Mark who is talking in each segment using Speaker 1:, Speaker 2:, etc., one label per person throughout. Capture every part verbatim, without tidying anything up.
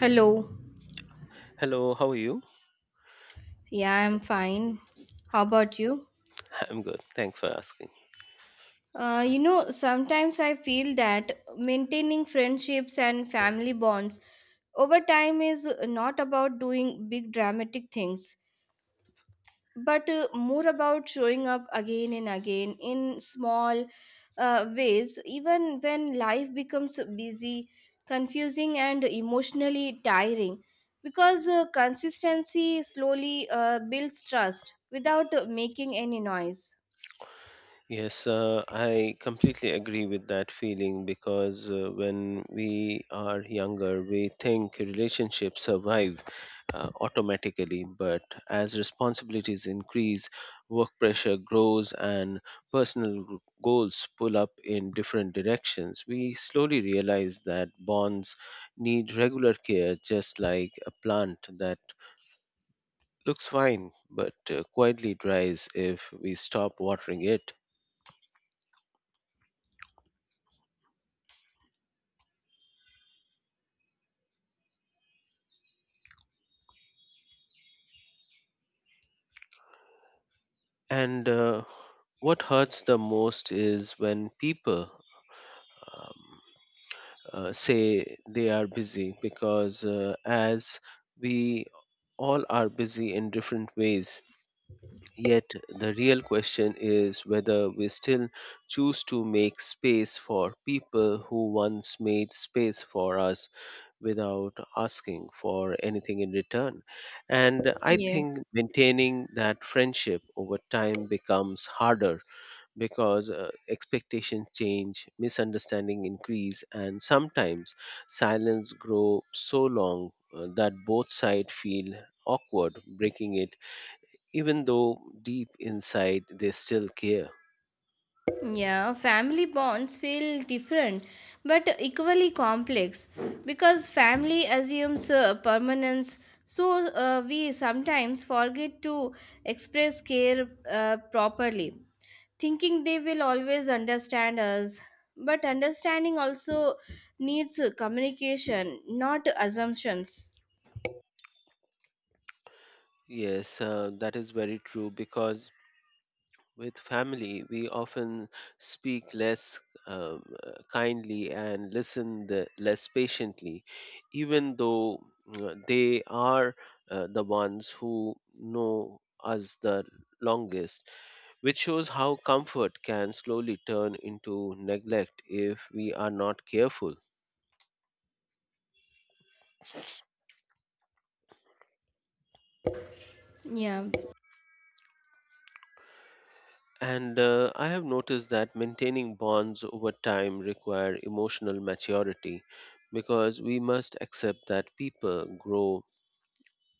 Speaker 1: Hello.
Speaker 2: Hello, how are you?
Speaker 1: Yeah, I'm fine. How about you?
Speaker 2: I'm good. Thanks for asking.
Speaker 1: Uh, you know, sometimes I feel that maintaining friendships and family bonds over time is not about doing big dramatic things, but uh, more about showing up again and again in small uh, ways, even when life becomes busy, confusing, and emotionally tiring. Because uh, consistency slowly uh, builds trust without uh, making any noise.
Speaker 2: Yes, uh, I completely agree with that feeling because uh, when we are younger, we think relationships survive uh, automatically. But as responsibilities increase, work pressure grows, and personal g- goals pull up in different directions, we slowly realize that bonds need regular care, just like a plant that looks fine but uh, quietly dries if we stop watering it. And uh, what hurts the most is when people um, uh, say they are busy because, uh, as we all are busy in different ways, yet the real question is whether we still choose to make space for people who once made space for us without asking for anything in return. And I
Speaker 1: Yes.
Speaker 2: think maintaining that friendship over time becomes harder because uh, expectations change, misunderstanding increase, and sometimes silence grow so long uh, that both sides feel awkward breaking it, even though deep inside they still care.
Speaker 1: Yeah, family bonds feel different but equally complex because family assumes uh, permanence. So uh, we sometimes forget to express care uh, properly, thinking they will always understand us. But understanding also needs uh, communication, not assumptions.
Speaker 2: Yes, uh, that is very true because with family, we often speak less um, uh, kindly and listen the, less patiently, even though uh, they are uh, the ones who know us the longest, which shows how comfort can slowly turn into neglect if we are not careful.
Speaker 1: Yeah,
Speaker 2: And uh, I have noticed that maintaining bonds over time require emotional maturity because we must accept that people grow,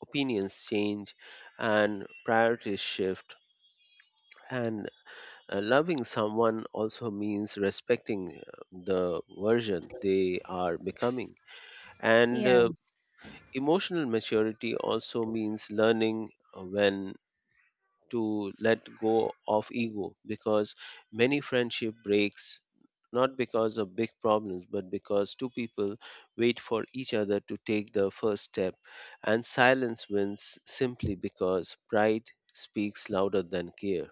Speaker 2: opinions change, and priorities shift. And uh, loving someone also means respecting uh, the version they are becoming. And
Speaker 1: yeah.
Speaker 2: uh, emotional maturity also means learning uh, when to let go of ego because many friendship breaks not because of big problems but because two people wait for each other to take the first step and silence wins simply because pride speaks louder than care.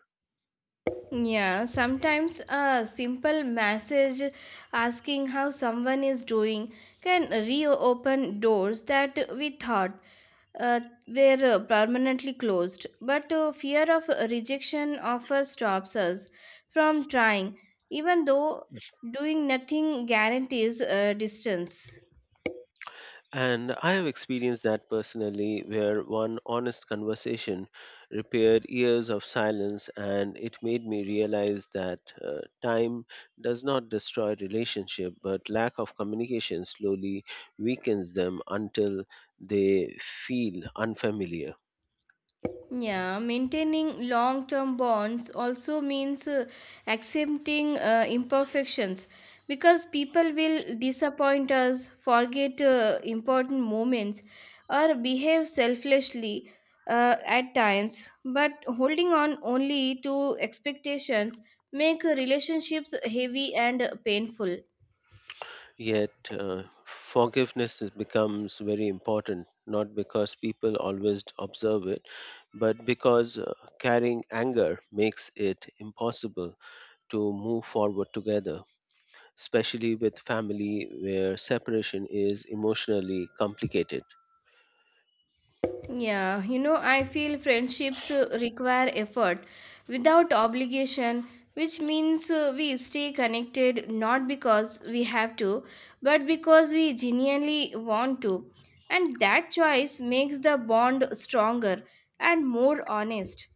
Speaker 1: Yeah, sometimes a simple message asking how someone is doing can reopen doors that we thought uh, were uh, permanently closed. But uh, fear of rejection often stops us from trying, even though doing nothing guarantees uh, distance.
Speaker 2: And I have experienced that personally, where one honest conversation repaired years of silence, and it made me realize that uh, time does not destroy relationship, but lack of communication slowly weakens them until they feel unfamiliar.
Speaker 1: Yeah, maintaining long term bonds also means uh, accepting uh, imperfections because people will disappoint us, forget uh, important moments, or behave selfishly uh, at times. But holding on only to expectations make relationships heavy and painful.
Speaker 2: Yet, uh, forgiveness is- becomes very important. Not because people always observe it, but because uh, carrying anger makes it impossible to move forward together, especially with family where separation is emotionally complicated.
Speaker 1: Yeah, you know, I feel friendships uh, require effort without obligation, which means uh, we stay connected not because we have to, but because we genuinely want to. And that choice makes the bond stronger and more honest.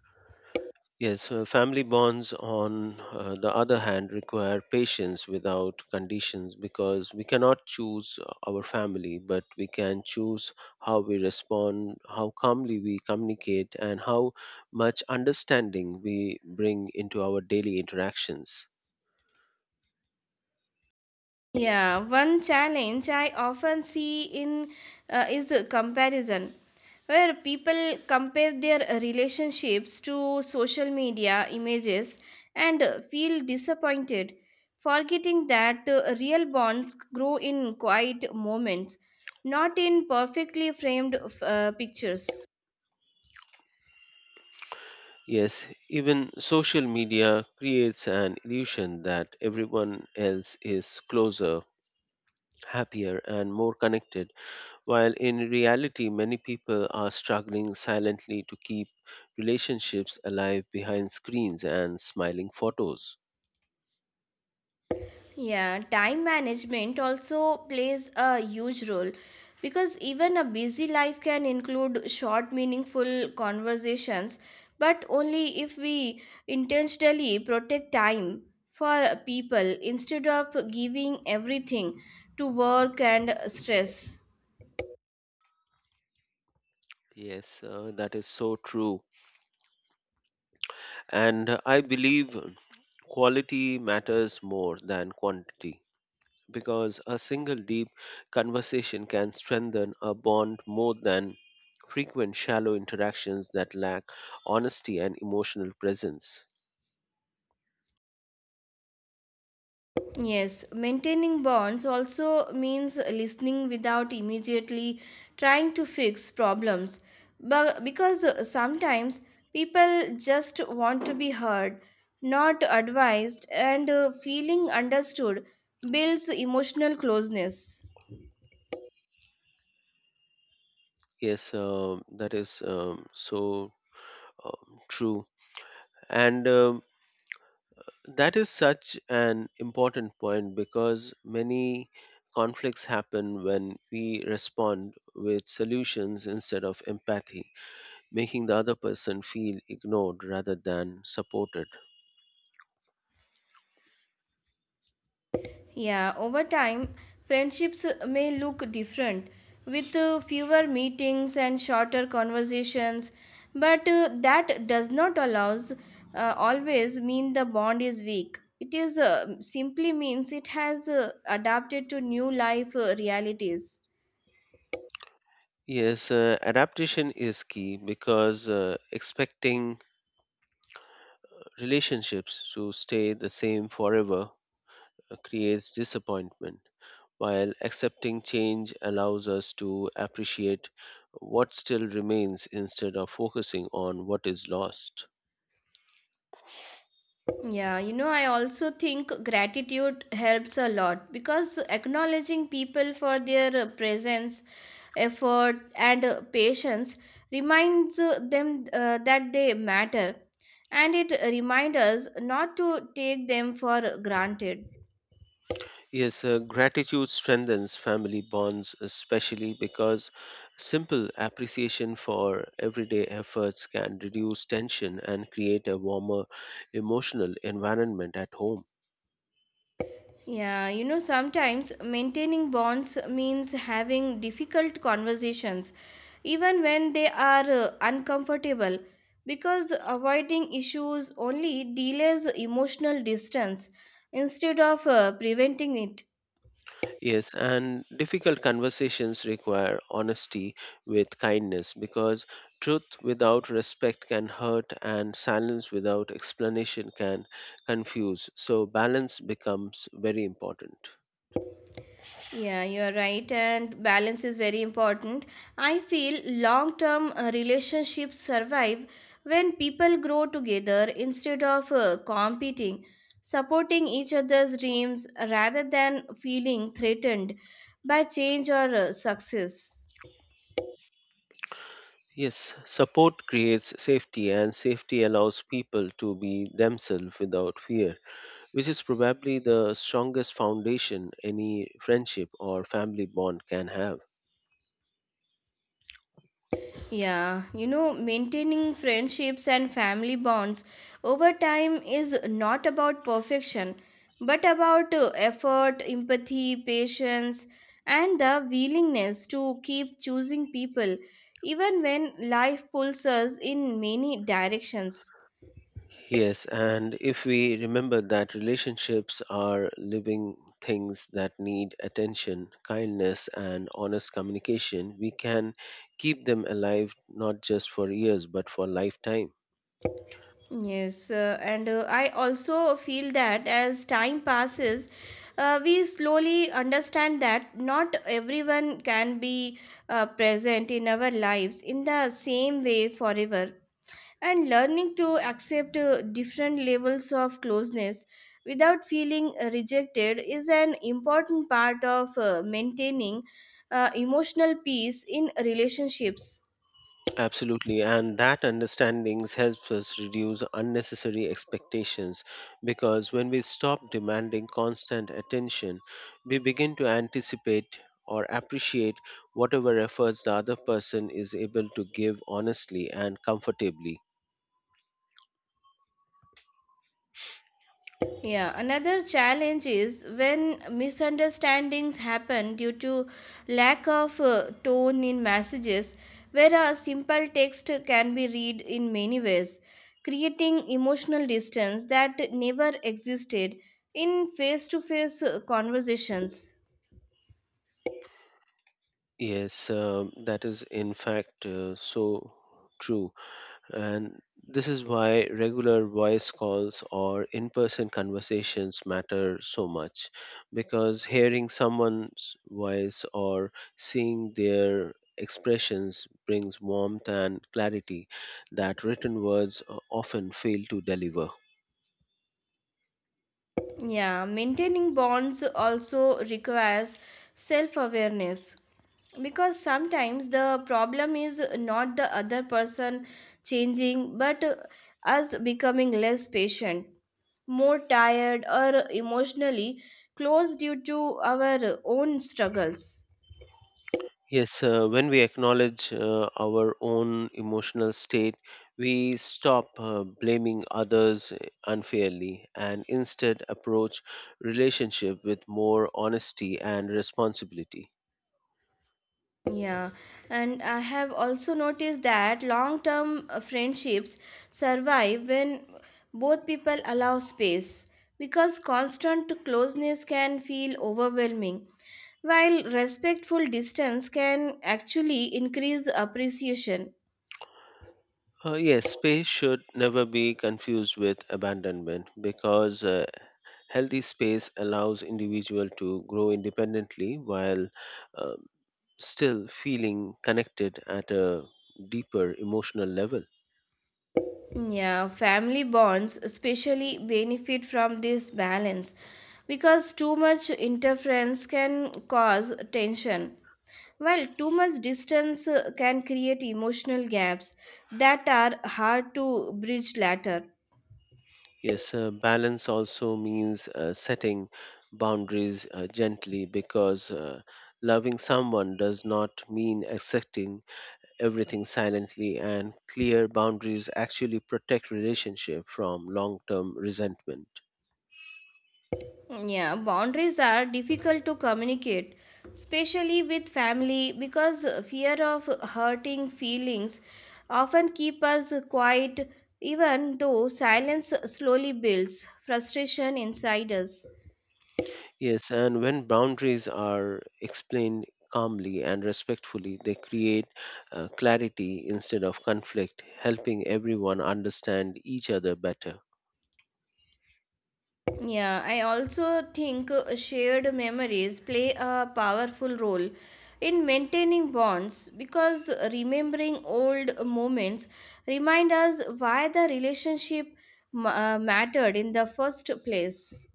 Speaker 2: Yes, uh, family bonds, on uh, the other hand, require patience without conditions because we cannot choose our family, but we can choose how we respond, how calmly we communicate, and how much understanding we bring into our daily interactions.
Speaker 1: Yeah, one challenge I often see in uh, is a comparison, where people compare their relationships to social media images and uh, feel disappointed, forgetting that uh, real bonds grow in quiet moments, not in perfectly framed uh, pictures.
Speaker 2: Yes, even social media creates an illusion that everyone else is closer, happier, and more connected, while in reality, many people are struggling silently to keep relationships alive behind screens and smiling photos.
Speaker 1: Yeah, time management also plays a huge role because even a busy life can include short, meaningful conversations, but only if we intentionally protect time for people instead of giving everything to work and stress.
Speaker 2: Yes, uh, that is so true. And uh, I believe quality matters more than quantity, because a single deep conversation can strengthen a bond more than frequent shallow interactions that lack honesty and emotional presence.
Speaker 1: Yes, maintaining bonds also means listening without immediately trying to fix problems. But because sometimes people just want to be heard, not advised, and uh, feeling understood builds emotional closeness.
Speaker 2: Yes, um, that is um, so um, true. And um, that is such an important point because many conflicts happen when we respond with solutions instead of empathy, making the other person feel ignored rather than supported.
Speaker 1: Yeah, over time, friendships may look different with uh, fewer meetings and shorter conversations, but uh, that does not allows uh, always mean the bond is weak. It is uh, simply means it has uh, adapted to new life uh, realities.
Speaker 2: Yes, uh, adaptation is key because uh, expecting relationships to stay the same forever uh, creates disappointment, while accepting change allows us to appreciate what still remains instead of focusing on what is lost.
Speaker 1: Yeah, you know, I also think gratitude helps a lot because acknowledging people for their uh, presence, effort, and uh, patience reminds uh, them uh, that they matter, and it reminds us not to take them for granted.
Speaker 2: Yes, uh, gratitude strengthens family bonds, especially because simple appreciation for everyday efforts can reduce tension and create a warmer emotional environment at home.
Speaker 1: Yeah, you know, sometimes maintaining bonds means having difficult conversations, even when they are uh, uncomfortable, because avoiding issues only delays emotional distance instead of uh, preventing it.
Speaker 2: Yes, and difficult conversations require honesty with kindness because truth without respect can hurt and silence without explanation can confuse. So, balance becomes very important.
Speaker 1: Yeah, you're right, and balance is very important. I feel long term relationships survive when people grow together instead of uh, competing, supporting each other's dreams rather than feeling threatened by change or uh, success.
Speaker 2: Yes, support creates safety, and safety allows people to be themselves without fear, which is probably the strongest foundation any friendship or family bond can have.
Speaker 1: Yeah, you know, maintaining friendships and family bonds over time is not about perfection, but about uh, effort, empathy, patience, and the willingness to keep choosing people even when life pulls us in many directions.
Speaker 2: Yes, and if we remember that relationships are living things that need attention, kindness, and honest communication, we can keep them alive not just for years but for lifetime.
Speaker 1: Yes, uh, and uh, I also feel that as time passes, uh, we slowly understand that not everyone can be uh, present in our lives in the same way forever. And learning to accept uh, different levels of closeness without feeling rejected is an important part of uh, maintaining uh, emotional peace in relationships.
Speaker 2: Absolutely, and that understanding helps us reduce unnecessary expectations because when we stop demanding constant attention, we begin to anticipate or appreciate whatever efforts the other person is able to give honestly and comfortably.
Speaker 1: Yeah, another challenge is when misunderstandings happen due to lack of uh, tone in messages, where a simple text can be read in many ways, creating emotional distance that never existed in face to face conversations.
Speaker 2: Yes, um, that is in fact uh, so true. And this is why regular voice calls or in person conversations matter so much because hearing someone's voice or seeing their expressions brings warmth and clarity that written words o- often fail to deliver.
Speaker 1: Yeah, maintaining bonds also requires self awareness because sometimes the problem is not the other person changing but us becoming less patient, more tired, or emotionally closed due to our own struggles.
Speaker 2: Yes, uh, when we acknowledge uh, our own emotional state, we stop uh, blaming others uh, unfairly and instead approach relationship with more honesty and responsibility.
Speaker 1: Yeah, and I have also noticed that long term friendships survive when both people allow space because constant closeness can feel overwhelming, while respectful distance can actually increase appreciation.
Speaker 2: Uh, yes, space should never be confused with abandonment because uh, healthy space allows individual to grow independently while um, still feeling connected at a deeper emotional level.
Speaker 1: Yeah, family bonds especially benefit from this balance because too much interference can cause tension, while too much distance uh, can create emotional gaps that are hard to bridge later.
Speaker 2: Yes, uh, balance also means uh, setting boundaries uh, gently because uh, loving someone does not mean accepting everything silently, and clear boundaries actually protect relationship from long-term resentment.
Speaker 1: Yeah, boundaries are difficult to communicate, especially with family, because fear of hurting feelings often keep us quiet, even though silence slowly builds frustration inside us.
Speaker 2: Yes, and when boundaries are explained calmly and respectfully, they create uh, clarity instead of conflict, helping everyone understand each other better.
Speaker 1: Yeah, I also think uh, shared memories play a powerful role in maintaining bonds because remembering old moments remind us why the relationship ma- uh, mattered in the first place.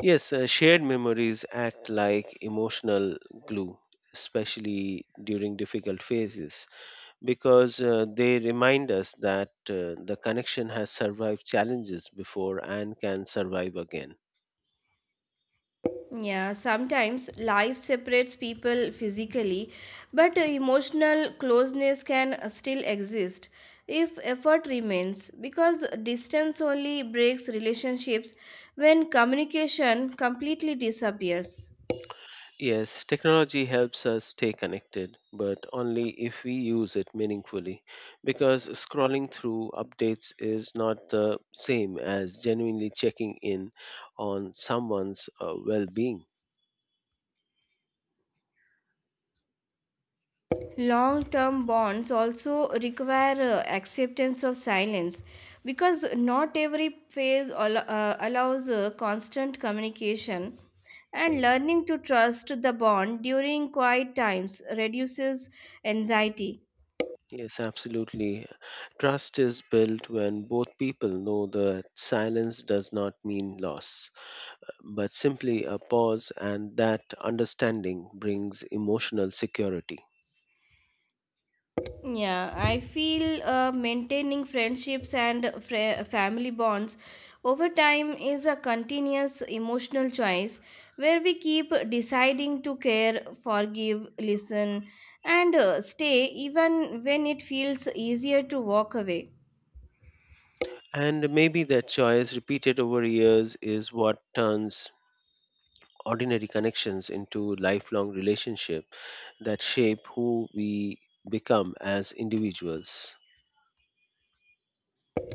Speaker 2: Yes, uh, shared memories act like emotional glue, especially during difficult phases, because uh, they remind us that uh, the connection has survived challenges before and can survive again.
Speaker 1: Yeah, sometimes life separates people physically, but uh, emotional closeness can uh, still exist if effort remains because distance only breaks relationships when communication completely disappears.
Speaker 2: Yes, technology helps us stay connected, but only if we use it meaningfully, because scrolling through updates is not the same as genuinely checking in on someone's uh, well being.
Speaker 1: Long term bonds also require uh, acceptance of silence because not every phase al- uh, allows uh, constant communication, and learning to trust the bond during quiet times reduces anxiety.
Speaker 2: Yes, absolutely. Trust is built when both people know that silence does not mean loss, but simply a pause, and that understanding brings emotional security.
Speaker 1: Yeah, I feel uh, maintaining friendships and fr- family bonds over time is a continuous emotional choice where we keep deciding to care, forgive, listen, and uh, stay even when it feels easier to walk away.
Speaker 2: And maybe that choice, repeated over years, is what turns ordinary connections into lifelong relationships that shape who we become as individuals.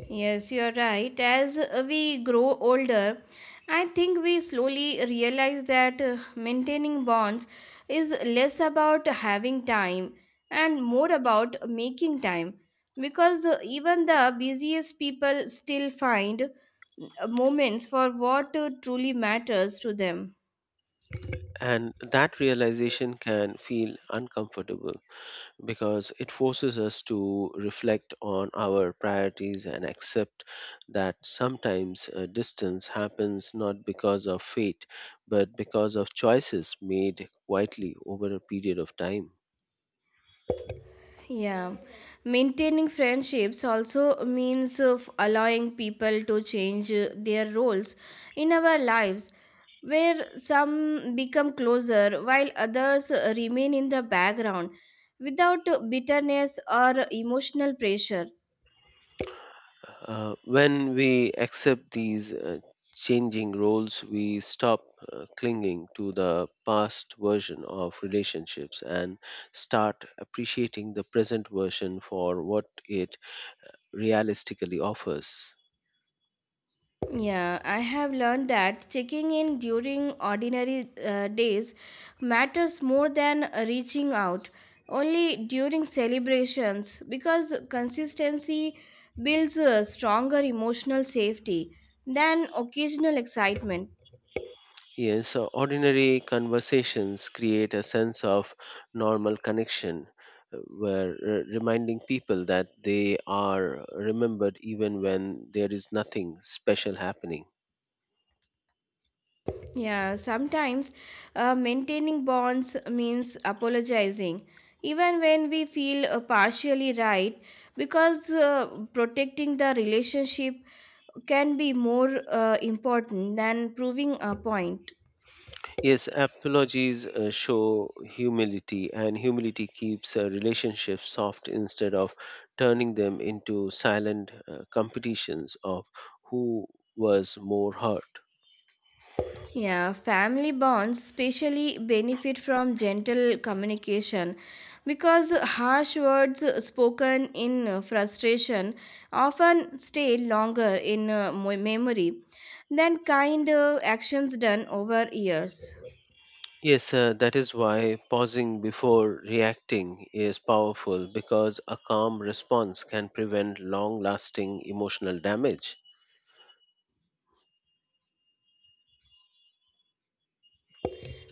Speaker 1: Yes, you're right. As we grow older, I think we slowly realize that uh, maintaining bonds is less about having time and more about making time because uh, even the busiest people still find uh, moments for what uh, truly matters to them.
Speaker 2: And that realization can feel uncomfortable because it forces us to reflect on our priorities and accept that sometimes uh, distance happens not because of fate, but because of choices made quietly over a period of time.
Speaker 1: Yeah, maintaining friendships also means of allowing people to change uh, their roles in our lives, where some become closer while others uh, remain in the background without uh, bitterness or emotional pressure.
Speaker 2: Uh, when we accept these uh, changing roles, we stop uh, clinging to the past version of relationships and start appreciating the present version for what it realistically offers.
Speaker 1: Yeah, I have learned that checking in during ordinary uh, days matters more than uh, reaching out only during celebrations because consistency builds a stronger emotional safety than occasional excitement.
Speaker 2: Yes, so ordinary conversations create a sense of normal connection uh, where uh, reminding people that they are remembered even when there is nothing special happening.
Speaker 1: Yeah, sometimes uh, maintaining bonds means apologizing, even when we feel uh, partially right, because uh, protecting the relationship can be more uh, important than proving a point.
Speaker 2: Yes, apologies uh, show humility, and humility keeps uh, relationships soft instead of turning them into silent uh, competitions of who was more hurt.
Speaker 1: Yeah, family bonds especially benefit from gentle communication because harsh words spoken in uh, frustration often stay longer in uh, mo- memory than kind uh, actions done over years.
Speaker 2: Yes, uh, that is why pausing before reacting is powerful because a calm response can prevent long lasting emotional damage.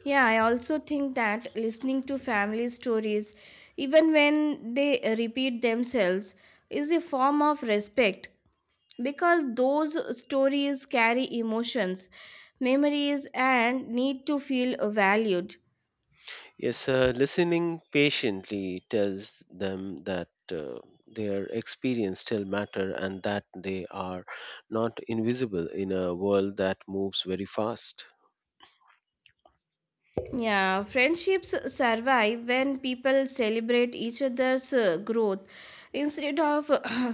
Speaker 1: Yeah, I also think that listening to family stories, even when they repeat themselves, is a form of respect because those stories carry emotions, memories, and need to feel valued.
Speaker 2: Yes, uh, listening patiently tells them that uh, their experience still matter and that they are not invisible in a world that moves very fast.
Speaker 1: Yeah, friendships survive when people celebrate each other's uh, growth instead of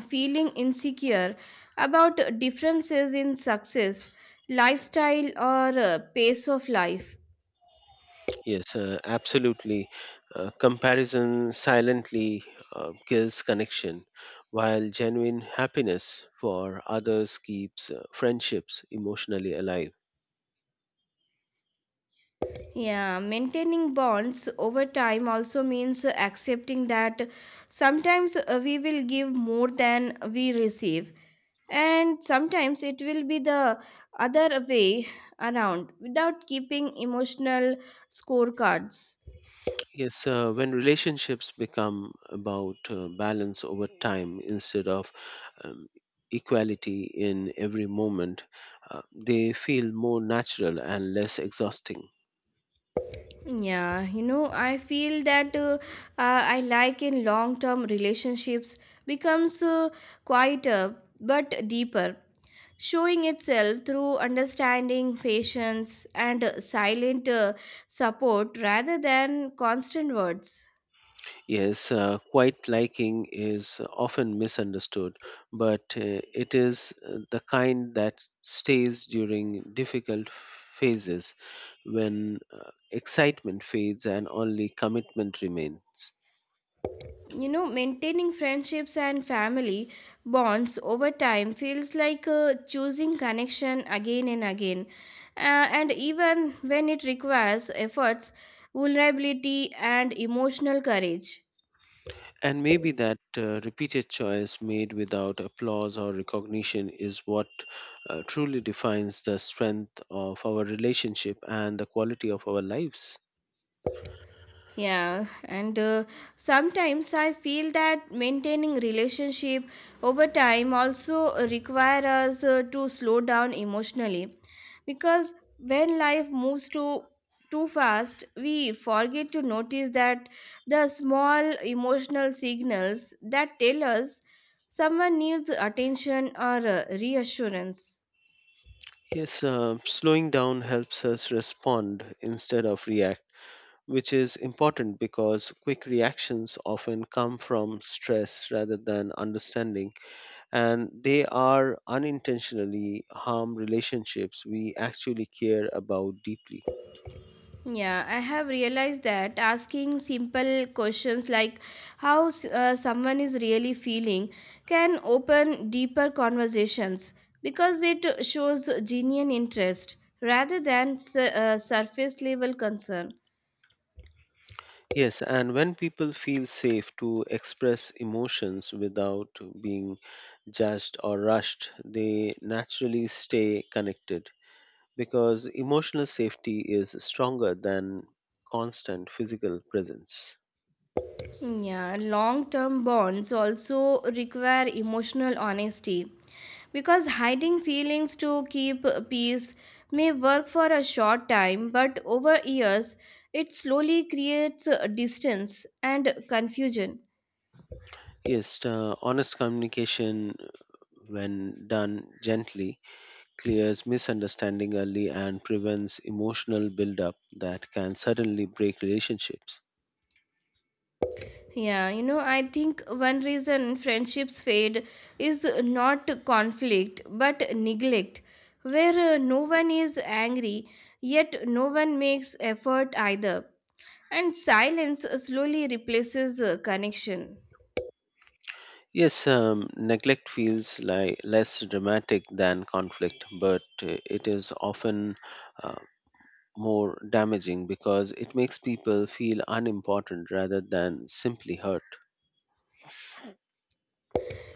Speaker 1: feeling insecure about differences in success, lifestyle, or uh, pace of life.
Speaker 2: Yes, uh, absolutely. Uh, comparison silently uh, kills connection, while genuine happiness for others keeps uh, friendships emotionally alive.
Speaker 1: Yeah, maintaining bonds over time also means accepting that sometimes uh, we will give more than we receive, and sometimes it will be the other way around without keeping emotional scorecards.
Speaker 2: Yes, uh, when relationships become about uh, balance over time instead of um, equality in every moment, uh, they feel more natural and less exhausting.
Speaker 1: Yeah, you know, I feel that uh, uh, I like in long term relationships becomes uh, quieter but deeper, showing itself through understanding, patience, and uh, silent uh, support rather than constant words.
Speaker 2: Yes, uh, quiet liking is often misunderstood, but uh, it is uh, the kind that stays during difficult phases when uh, excitement fades and only commitment remains.
Speaker 1: You know maintaining friendships and family bonds over time feels like uh, choosing connection again and again. Uh, and even when it requires efforts, vulnerability and emotional courage.
Speaker 2: And maybe that uh, repeated choice made without applause or recognition is what uh, truly defines the strength of our relationship and the quality of our lives.
Speaker 1: Yeah, and uh, sometimes I feel that maintaining relationship over time also require us uh, to slow down emotionally because when life moves too too fast, we forget to notice that the small emotional signals that tell us someone needs attention or uh, reassurance.
Speaker 2: Yes, uh, slowing down helps us respond instead of react, which is important because quick reactions often come from stress rather than understanding, and they are unintentionally harm relationships we actually care about deeply.
Speaker 1: Yeah, I have realized that asking simple questions like how s- uh, someone is really feeling can open deeper conversations because it shows genuine interest rather than su- uh, surface level concern.
Speaker 2: Yes, and when people feel safe to express emotions without being judged or rushed, they naturally stay connected because emotional safety is stronger than constant physical presence.
Speaker 1: Yeah, long term bonds also require emotional honesty because hiding feelings to keep peace may work for a short time, but over years it slowly creates uh, distance and confusion.
Speaker 2: Yes, uh, honest communication, when done gently, clears misunderstanding early and prevents emotional buildup that can suddenly break relationships.
Speaker 1: Yeah, you know, I think one reason friendships fade is not conflict but neglect, where uh, no one is angry, yet no one makes effort either. And silence slowly replaces uh, connection.
Speaker 2: Yes, um, neglect feels like less dramatic than conflict, but uh, it is often uh, more damaging because it makes people feel unimportant rather than simply hurt.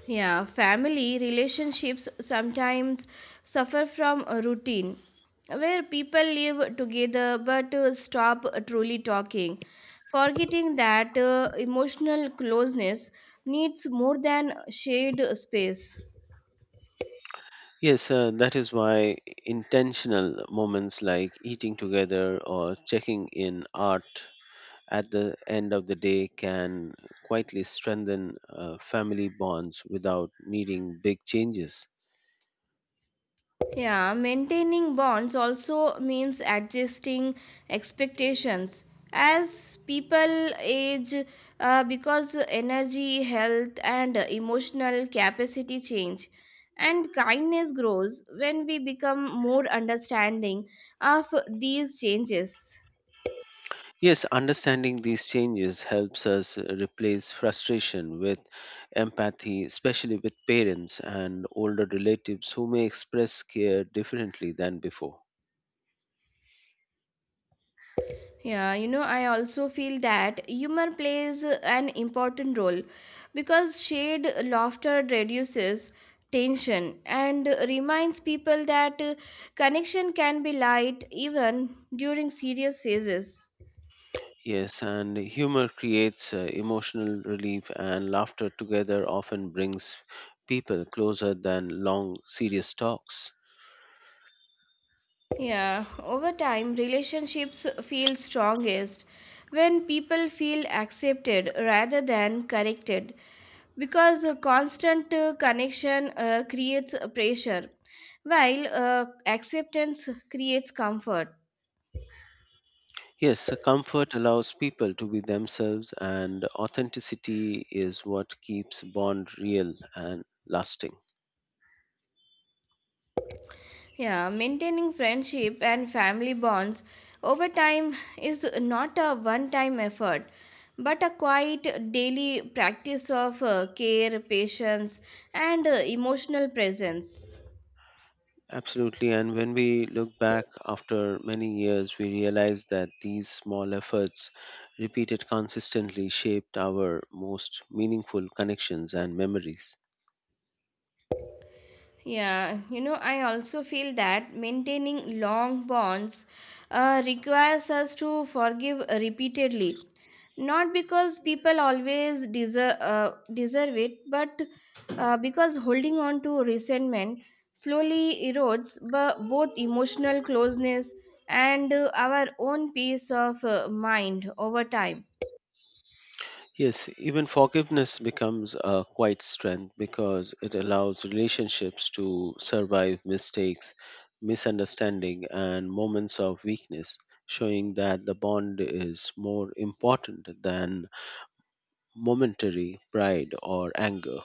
Speaker 1: Yeah, family relationships sometimes suffer from a routine where people live together but uh, stop truly talking, forgetting that uh, emotional closeness needs more than shared space.
Speaker 2: Yes, uh, that is why intentional moments like eating together or checking in art at the end of the day can quietly strengthen uh, family bonds without needing big changes.
Speaker 1: Yeah, maintaining bonds also means adjusting expectations. As people age, uh, because energy, health, and emotional capacity change, and kindness grows when we become more understanding of these changes.
Speaker 2: Yes, understanding these changes helps us replace frustration with empathy, especially with parents and older relatives who may express care differently than before.
Speaker 1: Yeah, you know, I also feel that humor plays an important role because shared laughter reduces tension and reminds people that uh, connection can be light even during serious phases.
Speaker 2: Yes, and humor creates uh, emotional relief, and laughter together often brings people closer than long, serious talks.
Speaker 1: Yeah, over time, relationships feel strongest when people feel accepted rather than corrected because a constant uh, connection uh, creates a pressure while uh, acceptance creates comfort.
Speaker 2: Yes, uh, comfort allows people to be themselves, and authenticity is what keeps bond real and lasting.
Speaker 1: Yeah, maintaining friendship and family bonds over time is not a one time effort but a quiet daily practice of uh, care, patience, and uh, emotional presence.
Speaker 2: Absolutely. And when we look back after many years, we realize that these small efforts, repeated consistently, shaped our most meaningful connections and memories.
Speaker 1: Yeah, you know, I also feel that maintaining long bonds uh, requires us to forgive repeatedly. Not because people always deserve, uh, deserve it, but uh, because holding on to resentment slowly erodes b- both emotional closeness and uh, our own peace of uh, mind over time.
Speaker 2: Yes, even forgiveness becomes a quiet strength because it allows relationships to survive mistakes, misunderstanding, and moments of weakness, showing that the bond is more important than momentary pride or anger.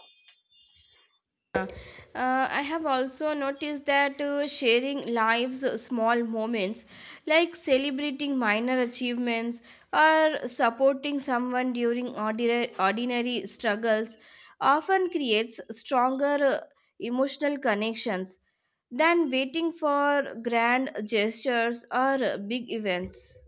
Speaker 1: Uh, I have also noticed that uh, sharing lives' small moments, like celebrating minor achievements or supporting someone during ordinary, ordinary struggles, often creates stronger uh, emotional connections than waiting for grand gestures or uh, big events.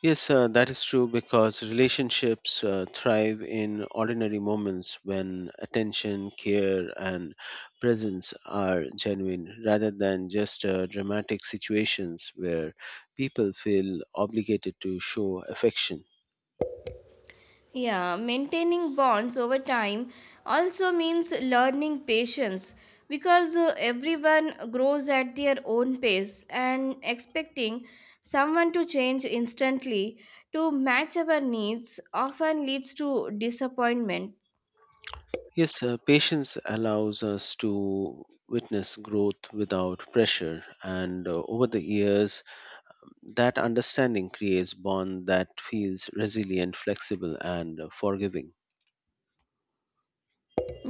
Speaker 2: Yes, uh, that is true because relationships uh, thrive in ordinary moments when attention, care, and presence are genuine rather than just uh, dramatic situations where people feel obligated to show affection.
Speaker 1: Yeah, maintaining bonds over time also means learning patience because uh, everyone grows at their own pace, and expecting someone to change instantly to match our needs often leads to disappointment.
Speaker 2: Yes, uh, patience allows us to witness growth without pressure, and uh, over the years, that understanding creates bond that feels resilient, flexible, and uh, forgiving.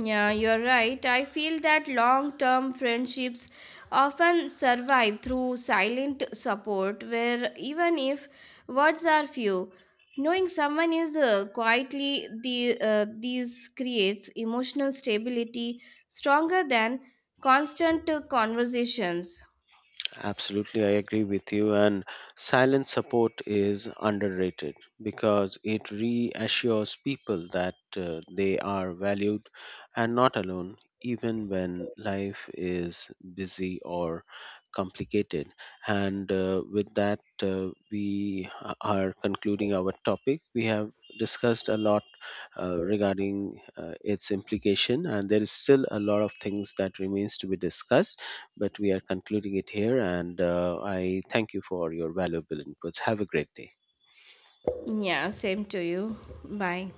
Speaker 1: Yeah, you're right. I feel that long term friendships often survive through silent support, where even if words are few, knowing someone is uh, quietly the, uh, these creates emotional stability stronger than constant uh, conversations.
Speaker 2: Absolutely, I agree with you. And silent support is underrated because it reassures people that uh, they are valued and not alone, even when life is busy or complicated. And uh, with that, uh, we a- are concluding our topic. We have discussed a lot uh, regarding uh, its implication, and there is still a lot of things that remains to be discussed but we are concluding it here. And uh, I thank you for your valuable inputs. Have a great day.
Speaker 1: Yeah, same to you. Bye.